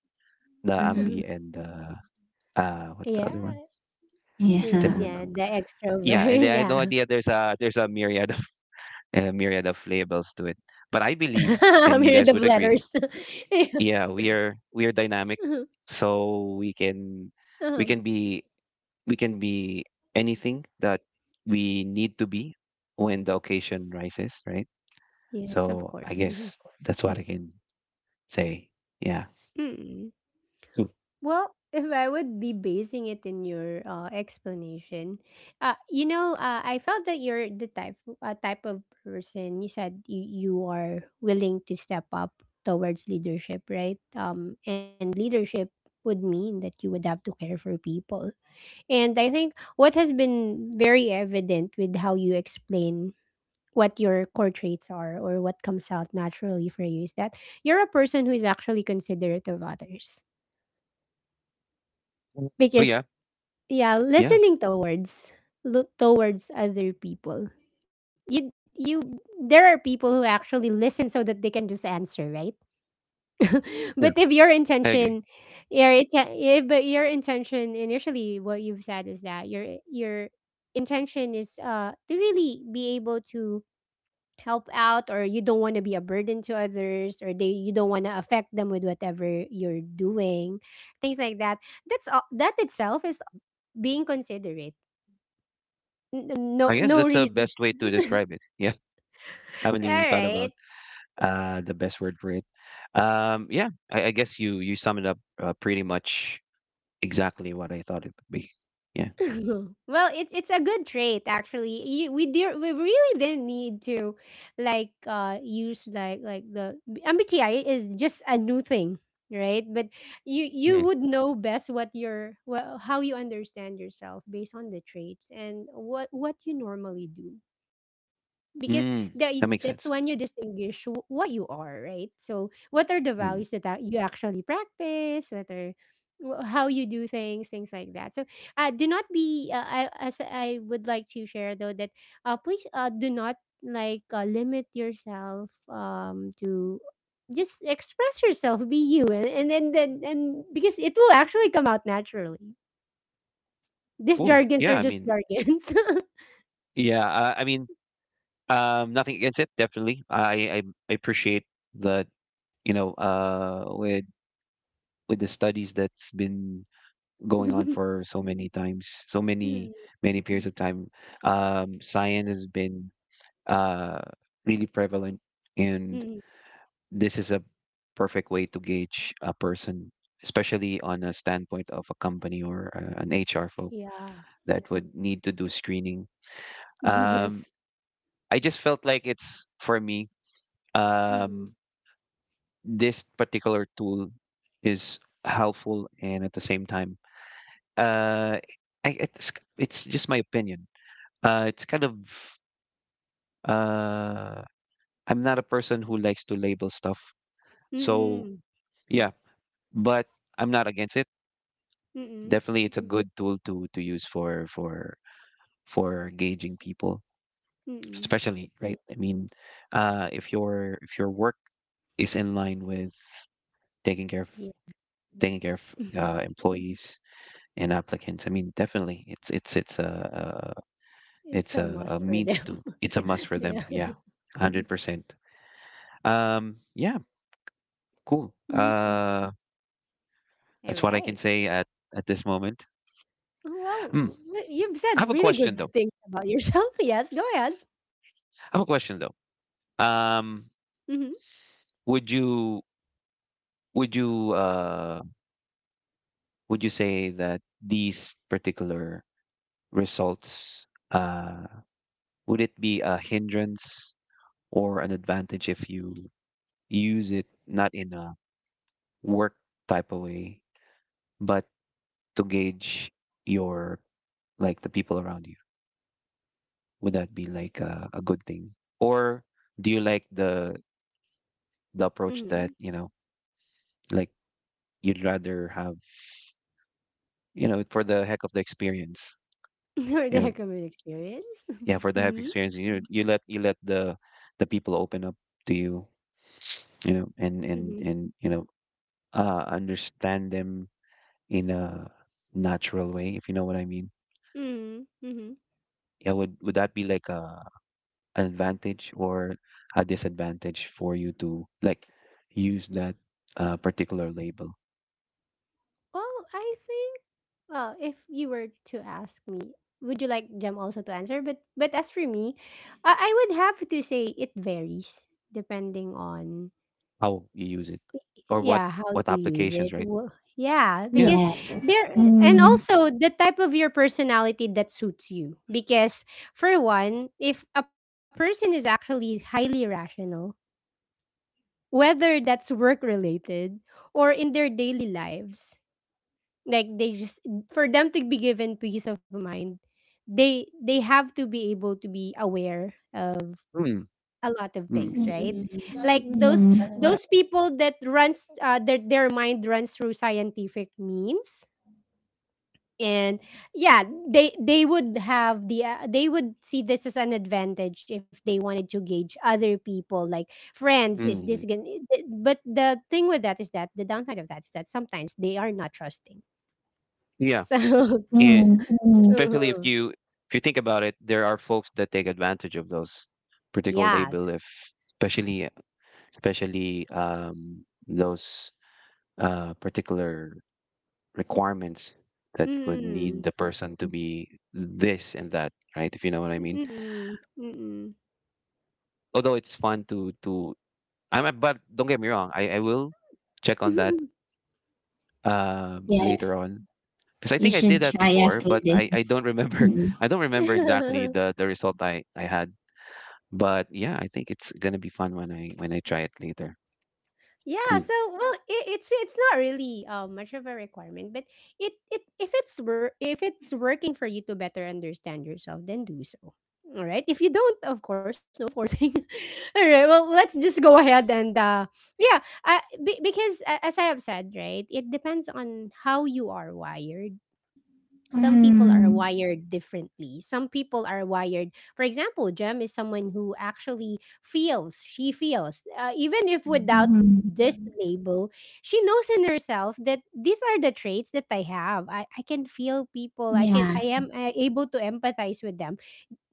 the Like, ambi, and the — what's the Yeah, other one? It's uh, the tip of my uh, tongue. yeah, the Yeah, and I extrovert. had no Yeah, idea there's a myriad of a myriad of labels to it. I'm But I here the believe, letters. and you guys would agree, Yeah. yeah, we are Uh-huh. we are dynamic, so Uh-huh. we can be we can be anything that we need to be when the occasion rises, right? Yes, of So I course. Mm-hmm. guess that's what I can say. Yeah. Mm-hmm. Hmm. Well, if I would be basing it in your explanation, you know, I felt that you're the type of person you said you are willing to step up towards leadership, right? And leadership would mean that you would have to care for people. And I think what has been very evident with how you explain what your core traits are or what comes out naturally for you is that you're a person who is actually considerate of others Mm. Oh because yeah, yeah, yeah, listening towards look towards other people. You there are people who actually listen so that they can just answer, right? sure. But if your I agree. intention your inten- if, but your intention initially what you've said is that your intention is to really be able to help out or you don't want to be a burden to others or they you don't want to affect them with whatever you're doing, things like that, that's all that itself is being considerate. N no I guess no that's the reason. best way to describe it. Yeah, haven't really thought about Alright. The best word for it. Yeah, I guess you summed it up pretty much exactly what I thought it would be. Yeah. Well, it's a good trait actually. You we did we really didn't need to like use like the MBTI is just a new thing, right? But you Mm. would know best what your well how you understand yourself based on the traits and what you normally do. Because that Mm. That that's makes when you sense. distinguish what you are, right? So what are the values Mm. that you actually practice, what are how you do things, things like that. So do not be I, as I would like to share though that please do not like limit yourself to just express yourself, be you and and because it will actually come out naturally. These Cool. jargons Yeah, are I just mean, jargons. Yeah, uh, I mean, nothing against it. Definitely, I appreciate that. You know, with the studies that's been going on for so many times, so Mm, many many periods of time, science has been uh really prevalent, and mm, this is a perfect way to gauge a person, especially on a standpoint of a company or an HR folk yeah. that would need to do screening. Yes. Um, I just felt like it's for me, Mm, um, this particular tool is helpful, and at the same time, uh, I, it's, it's just my opinion. It's kind of, uh, I'm not a person who likes to label stuff, so mm, yeah. But I'm not against it. mm, Definitely it's a good tool to use for for gauging people, mm. especially, right? I mean, if your work is in line with taking care of Yeah. taking care of employees and applicants. I mean, definitely, It's it's a must a for means them. to, it's a must for Yeah. them. Yeah, 100%. Yeah, cool. Mm. All That's what I can right. say at this moment. Well, Hmm. You've I have said a really question good though. things about yourself. Yes, go ahead. I have a question though. Um, Mm-hmm. would you would you would you say that these particular results, uh would it be a hindrance or an advantage if you use it not in a work type of way, but to gauge your, like, the people around you. Would that be like a good thing? Or do you like the approach that, Mm-hmm. you know, like you'd rather have, for the heck of the experience, Or you the know, common experience. yeah, for the heck of Mm-hmm. experience, you let the people open up to you, you know, Mm-hmm. and you know, understand them in a natural way, if you know what I mean. Mm-hmm. Mm-hmm. Yeah, would that be like a an advantage or a disadvantage for you to, like, use that particular label? Well, I think well, if you were to ask me, would you like Jem also to answer? But as for me, I, would have to say it varies depending on How you use it, or yeah how what you use applications, it. right? Yeah, Yeah. because yeah. there and Mm, also the type of your personality that suits you because for one, if a person is actually highly rational, whether that's work related or in their daily lives, like they just for them to be given peace of mind, they have to be able to be aware of Mm, a lot of mm, things, right? mm, Like those people that runs their mind runs through scientific means, and yeah, they would have the they would see this as an advantage if they wanted to gauge other people, like friends. Is this mm. gonna? But the thing with that is that the downside of that is that sometimes they are not trusting. Yeah, So and mm, mm. especially if mhm. you, if you think about it, there are folks that take advantage of those particular Yeah. label, if especially especially, those particular requirements that would need Mm-mm. the person to be this and that, right? If you know what I mean. Mm-mm. Although it's fun to but don't get me wrong, I will check on that Mm-mm. Yeah. later on, because I You think I should did that try before, after but this. I don't remember I don't remember exactly the result I had. But yeah, I think it's gonna be fun when I, when I try it later. Yeah, Cool. so well, it's not really much of a requirement, but it if it's if it's working for you to better understand yourself, then do so. All right. If you don't, of course, no forcing. All right. Well, let's just go ahead and yeah, because as I have said, right, it depends on how you are wired. Some people are Mm, wired differently. Some people are wired, for example, Jem is someone who actually feels, she feels, even if without mm, this label, she knows in herself that these are the traits that I have. I, can feel people, yeah. I am able to empathize with them,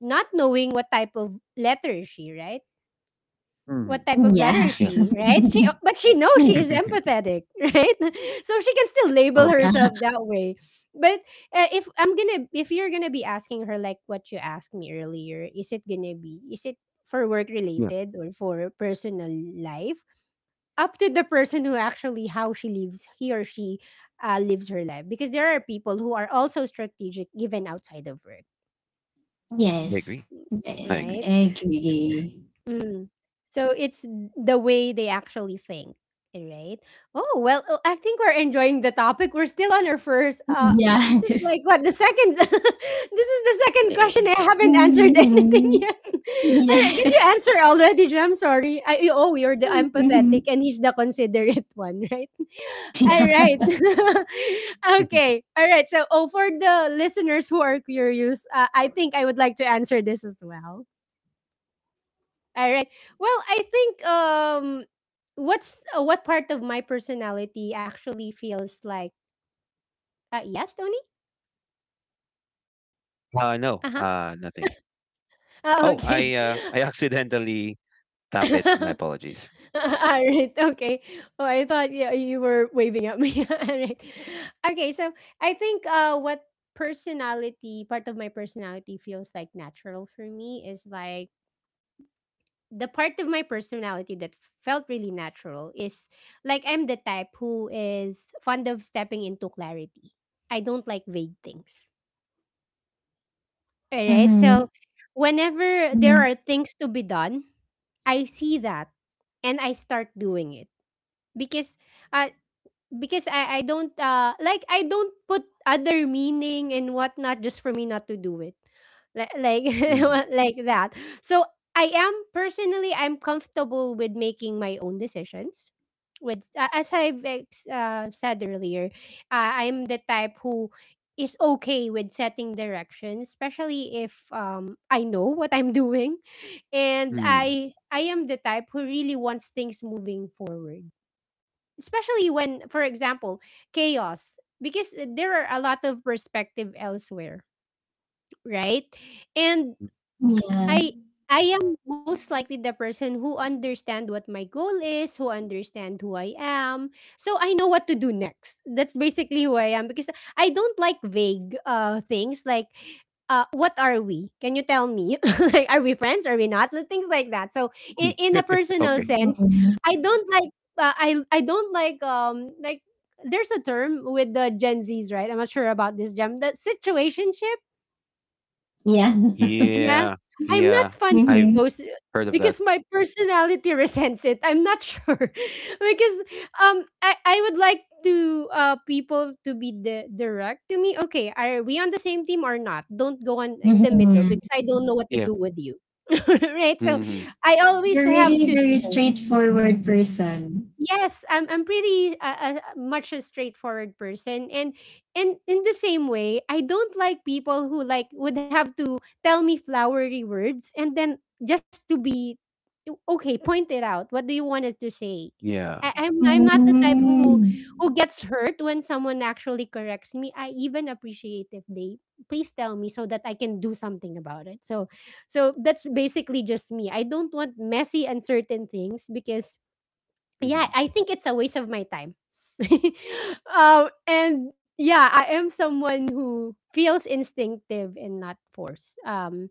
not knowing what type of letter is she, right? Mm, What type of letter Yeah. is yeah. she, right? She but she knows she is empathetic, right? So she can still label Okay. herself that way. But if you're gonna be asking her like what you asked me earlier, is it gonna be, is it for work Yeah, related or for personal life? Up to the person who actually how she lives, he or she lives her life, because there are people who are also strategic even outside of work, I Yes. agree. I agree. Yeah, right? agree. Mm. So it's the way they actually think, eh, right? Oh well, oh, I think we're enjoying the topic. We're still on our first. This is Yes. like what the second. This is the second question. Yeah. I haven't answered anything Mhm. yet. All right, did you Yes. answer already, Jam? Sorry. You- oh, you're the Mhm. empathetic, and he's the considerate one, right? All Yeah. right. Okay. All right. So, oh, for the listeners who are curious, I think I would like to answer this as well. All right. Well, I think what part of my personality actually feels like yes, Tony? No, Uh-huh. Nothing. Oh, Oh, I, okay. I accidentally tap it. My All apologies. right. Okay. Oh, I thought yeah, you were waving at me. All right. Okay, so I think what personality part of my personality feels like natural for me is like the part of my personality that felt really natural is like I'm the type who is fond of stepping into clarity. I don't like vague things. All right. Mhm. So whenever there Mhm. are things to be done, I see that and I start doing it because uh, because I don't like I don't put other meaning and whatnot just for me not to do it. Like Mhm. like that. So I am personally I'm comfortable with making my own decisions. With said earlier, I'm the type who is okay with setting direction, especially if I know what I'm doing, and Mm. I am the type who really wants things moving forward, especially when for example chaos because there are a lot of perspective elsewhere, right? And Yeah. I I am most likely the person who understand what my goal is, who understand who I am. So I know what to do next. That's basically who I am because I don't like vague things like what are we? Can you tell me? Like are we friends? Are we not? Like, things like that. So in a personal Okay. sense, Mhm. I don't like I don't like there's a term with the Gen Zs, right? I'm not sure about this gem. The situationship. Yeah. Yeah, Yeah, I'm not yeah, fond I've of Mhm. those heard of that. because my personality resents it. I'm not sure because I would like to people to be direct to me. Okay, are we on the same team or not? Don't go on in the middle Mhm. because I don't know what to Yeah. do with you. Right? So Hmm. I always You're have… really very straightforward person. Yes, I'm pretty much a straightforward person, and in the same way, I don't like people who like would have to tell me flowery words and then just to be… Okay, point it out. What do you want us to say? Yeah. I'm not the type who Mm. Gets hurt when someone actually corrects me. I even appreciate if they… Please tell me so that I can do something about it. So so that's basically just me. I don't want messy, uncertain things because… Yeah, Hmm. I think it's a waste of my time. And yeah, I am someone who feels instinctive and not forced. Um,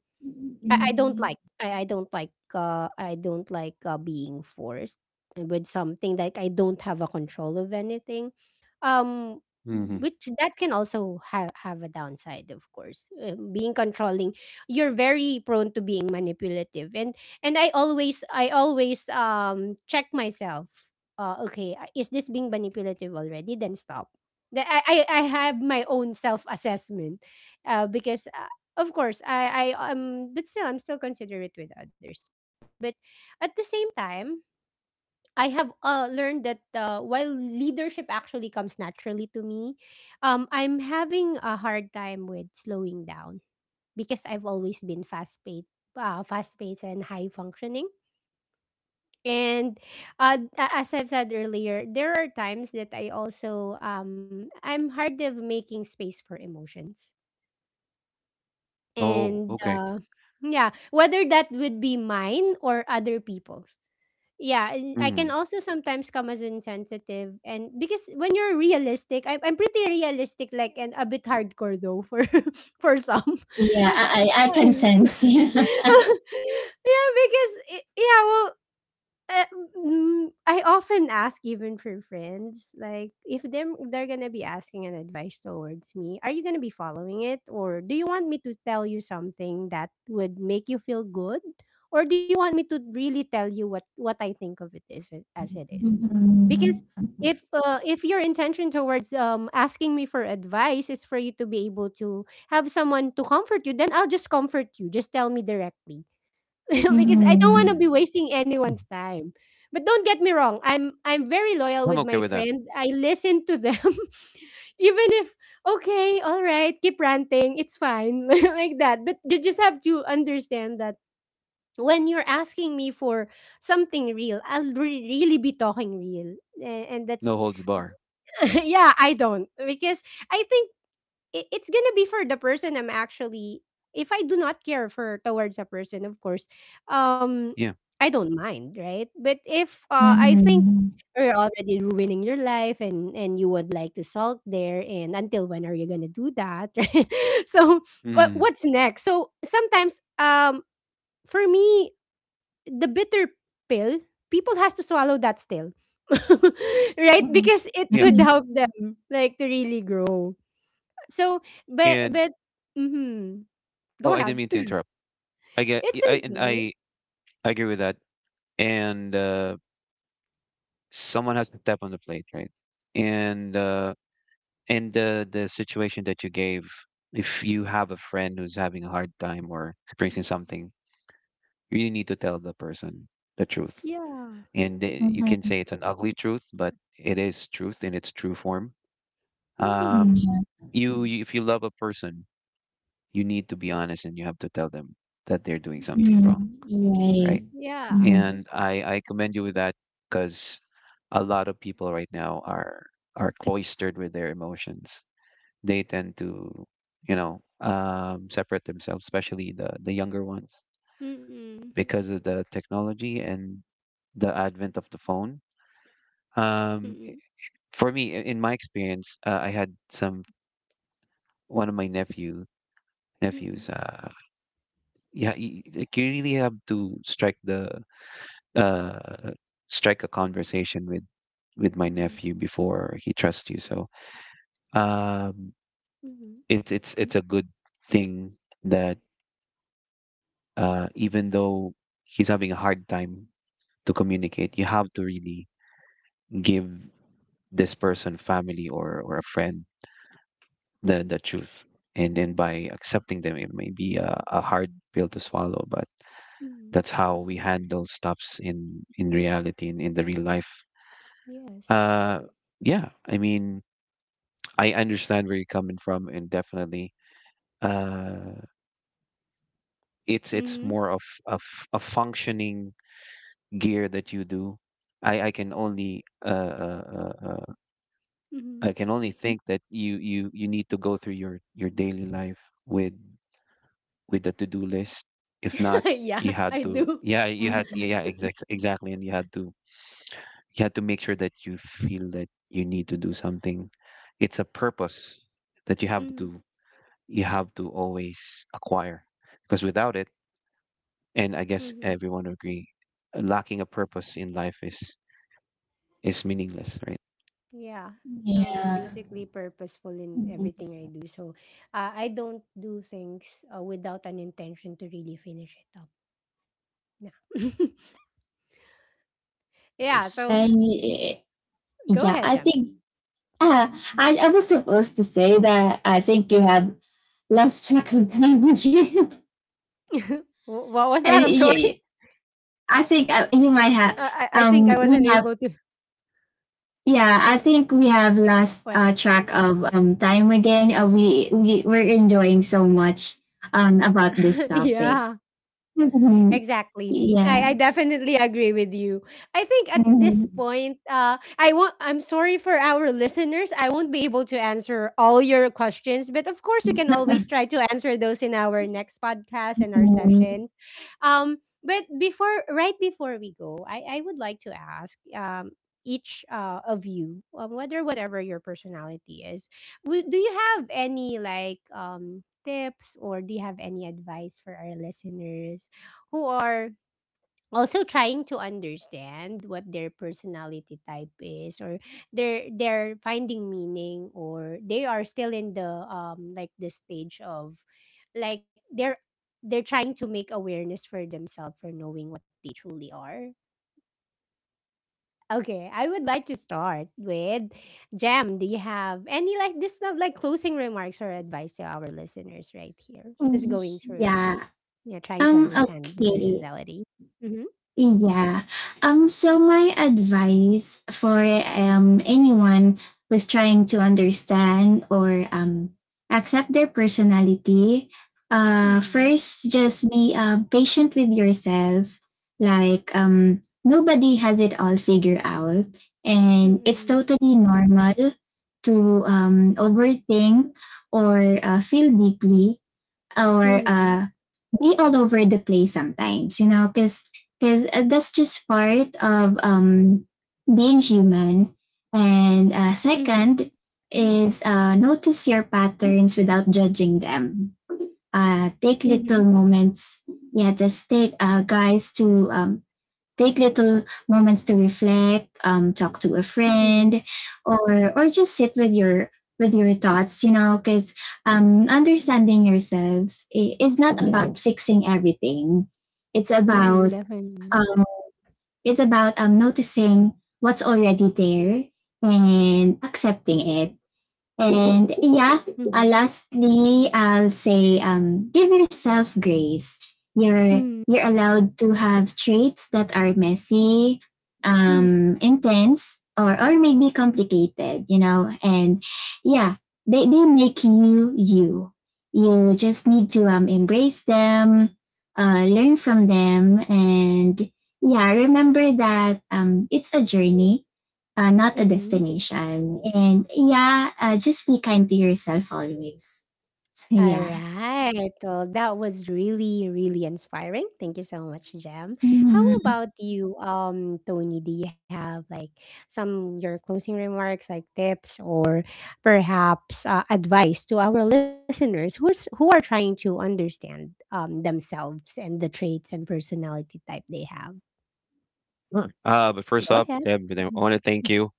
I, I don't like… I don't like I don't like being forced with something, like I don't have a control of anything, um Hmm. which that can also have a downside, of course. Being controlling, you're very prone to being manipulative, and I always check myself. Okay, is this being manipulative already? Then stop. I have my own self assessment because of course I but still I'm still considerate with others. But at the same time, I have learned that while leadership actually comes naturally to me, I'm having a hard time with slowing down because I've always been fast paced and high functioning. And as I've said earlier, there are times that I also I'm hard of making space for emotions, Oh, and okay. Yeah, whether that would be mine or other people's. Yeah, and I Mm-hmm. can also sometimes come as insensitive, and because when you're realistic, I'm pretty realistic like and a bit hardcore though for for some. Yeah, I can sense. Yeah. Yeah, because yeah, well, uh, I often ask even for friends, like if them they're gonna be asking an advice towards me, are you gonna be following it, or do you want me to tell you something that would make you feel good, or do you want me to really tell you what I think of it as it is? Because Mhm. If your intention towards asking me for advice is for you to be able to have someone to comfort you, then I'll just comfort you. Just tell me directly. Because I don't want to Mhm. Mm. be wasting anyone's time. But don't get me wrong, I'm very loyal I'm with okay my with that. friend. I listen to them. Even if… Okay, all right, keep ranting, it's fine, like that. But you just have to understand that when you're asking me for something real, I'll really be talking real. And that's… No holds bar. Yeah, I don't, because I think it, it's gonna be for the person I'm actually… If I do not care for towards a person, of course, um, Yeah. I don't mind, right? But if I think Mhm. you're already ruining your life, and you would like to salt there, and until when are you gonna do that? Right? So Hmm. what's next? So sometimes, for me, the bitter pill people has to swallow that still. Right? Mhm. Because it Yeah. would Mhm. help them like to really grow. So, but And but Mhm. Go oh, I ahead. didn't mean to interrupt. I get. Y- It's I and okay. I, I agree with that. And Someone has to step on the plate, right? And uh, and the situation that you gave, if you have a friend who's having a hard time or experiencing something, you really need to tell the person the truth, Yeah. and you can Mhm. say it's an ugly truth, but it is truth in its true form. Um, Mhm. Mhm. you, you If you love a person, you need to be honest, and you have to tell them that they're doing something Mm, wrong, right. right? Yeah. Mhm. And I commend you with that because a lot of people right now are cloistered with their emotions. They tend to, you know, separate themselves, especially the younger ones, Mm-mm. because of the technology and the advent of the phone. Um, Mm-mm. For me, in my experience, I had some one of my nephew Mm-mm. nephews. Yeah, you, like, you really have to strike the uh, strike a conversation with my Mhm. nephew before he trusts you. So, um, Mhm. it's it's a good thing that, even though he's having a hard time to communicate, you have to really give this person, family or a friend, the truth. And by accepting them, it may be a hard pill to swallow, but Mhm. that's how we handle stops in in the real life. Yes. uh yeah, I mean, I understand where you're coming from, and definitely, uh it's Mhm. more of a functioning gear that you do. i i can only uh, uh, uh uh, I Mhm. can only think that you need to go through your daily life with with the to-do list. If not, Yeah, you had I to, do. yeah, you had, yeah, Mhm. exactly. Exactly, and you had to make sure that you feel that you need to do something. It's a purpose that Mhm. you have to always acquire, because without it, and I guess Mhm. everyone agree, lacking a purpose in life is meaningless, right? Yeah. So I'm basically purposeful in everything I do. So I don't do things without an intention to really finish it up. Yeah. Yeah. Nice. So And go yeah, I ahead, Jem. think, uh, I was supposed to say that I think you have lost track of time again. What was And that? I'm yeah, sorry. yeah, I think, Uh, I you might think I have. wasn't able to… We have. Yeah, I think we have What? lost, track of, time again. We're enjoying so much about this topic. Yeah. Mhm. Exactly. I Yeah. definitely agree with you. I think at this Mhm. point, I won't. I'm sorry for our listeners. I won't be able to answer all your questions, but of course, we can always try to answer those in our next podcast and our sessions. Um, but before, right before we go, I would like to ask each of you, whether whatever your personality is, do you have any like tips or do you have any advice for our listeners who are also trying to understand what their personality type is, or they're finding meaning, or they are still in the like the stage of like they're trying to make awareness for themselves for knowing what they truly are. Okay, I would like to start with Jem. Do you have any like this, not like closing remarks or advice to our listeners right here who's Mhm. going through, Yeah. yeah, trying to understand their Okay. personality? Mm-hmm. Yeah. So my advice for anyone who's trying to understand or accept their personality, Mm-hmm. first just be patient with yourself. Like, nobody has it all figured out, and it's Mm. totally normal to overthink or feel deeply or Mhm. Be all over the place sometimes, you know, because that's just part of being human. Mhm. And second is, notice your patterns without judging them. Take Mhm. little moments, yeah, just take guys to, take little moments to reflect, talk to a Mhm. friend or just sit with your thoughts, you know, because, understanding yourself is not about fixing everything. It's Mhm, about, definitely. um, noticing what's already there and accepting it. And yeah, Mhm. Lastly, I'll say, give yourself grace. Mhm. You're allowed to have traits that are messy, Mhm. Intense, or maybe complicated. You know, and yeah, they make you you. You just need to embrace them, learn from them, and yeah, remember that it's a journey, not a Mm. destination. And yeah, just be kind to yourself always. So yeah. Alright. Well, that was really, really inspiring. Thank you so much, Jem. How about you, Tony? Do you have like some your closing remarks, like tips or perhaps advice to our listeners who's who are trying to understand themselves and the traits and personality type they have? Sure. But Go first up, ahead. Deb, I want to thank you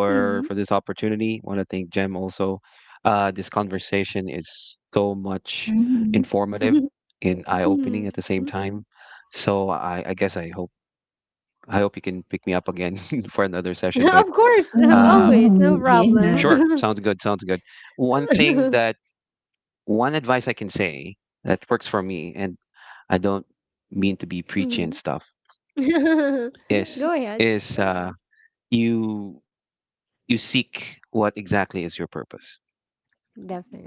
Mhm. for this opportunity. Want to thank Jem also. This conversation is so much Mhm. Mm. informative Mhm. and eye-opening at the same time. So I guess I hope you can pick me up again for another session. Of But course, um, always, no Mhm. Yeah. sure, problem. sounds good. Sounds good. One thing that One advice I can say that works for me, and I don't mean to be preachy and Mhm. stuff, is Go ahead. is uh, you you seek what exactly is your purpose.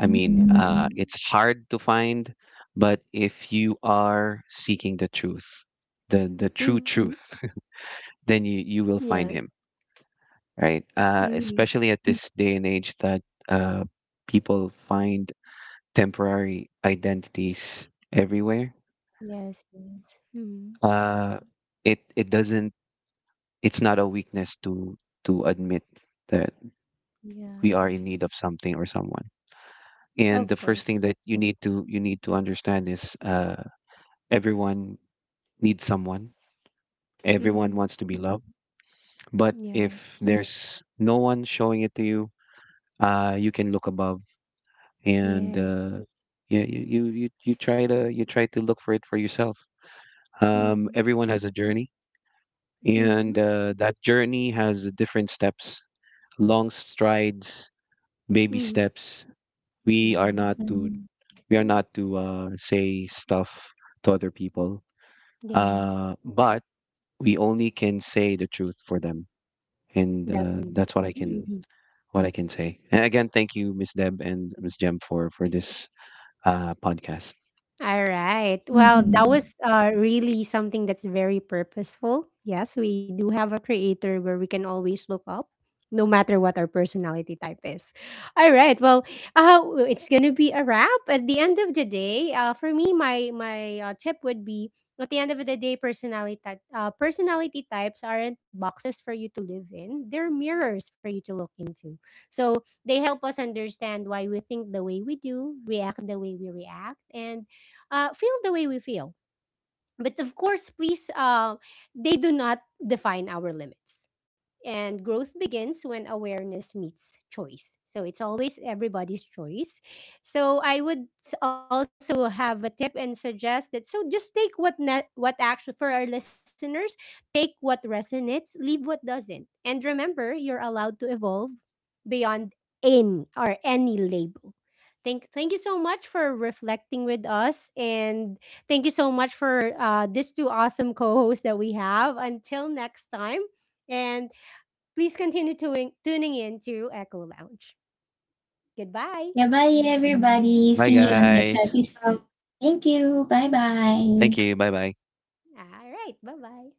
I mean, definitely. It's hard to find, but if you are seeking the truth, the Mhm. true truth, then you will Yeah. find him, right? Mhm. Especially at this day and age that uh, people find temporary identities everywhere. Yes, yes. Mhm. Uh, it it doesn't. It's not a weakness to admit that Yeah. we are in need of something or someone. Of And the course. first thing that you need to understand is, everyone need someone. Everyone Mhm. wants to be loved. But if Yes. there's no one showing it to you, you can look above, and Yes. You try to look for it for yourself. Mhm. Everyone has a journey, Mhm. and that journey has different steps, long strides, baby Mhm. steps. We are Yes. not to we are not to, say stuff to other people, Yes. But we only can say the truth for them. And Definitely. That's what I can, Mhm. what I can say. And again, thank you, Miss Deb and Miss Jem, for this podcast. Alright. Well, that was, really something that's very purposeful. Yes, we do have a creator where we can always look up, no matter what our personality type is. Alright, well, it's gonna be a wrap. At the end of the day, for me, my tip would be… At the end of the day, personality types aren't boxes for you to live in. They're mirrors for you to look into. So they help us understand why we think the way we do, react the way we react, and feel the way we feel. But of course, please, they do not define our limits. And growth begins when awareness meets choice. So it's always everybody's choice. So I would also have a tip and suggest that, so just take what actually, for our listeners, take what resonates, leave what doesn't. And remember, you're allowed to evolve beyond in or any label. Thank you so much for reflecting with us, and thank you so much for these two awesome co hosts that we have. Until next time, and please continue tuning in to Echo Lounge. Goodbye. Yeah, bye everybody. Bye, See you on next guys. episode. Thank you. Bye bye. Thank you. Bye, bye. All right. Bye bye.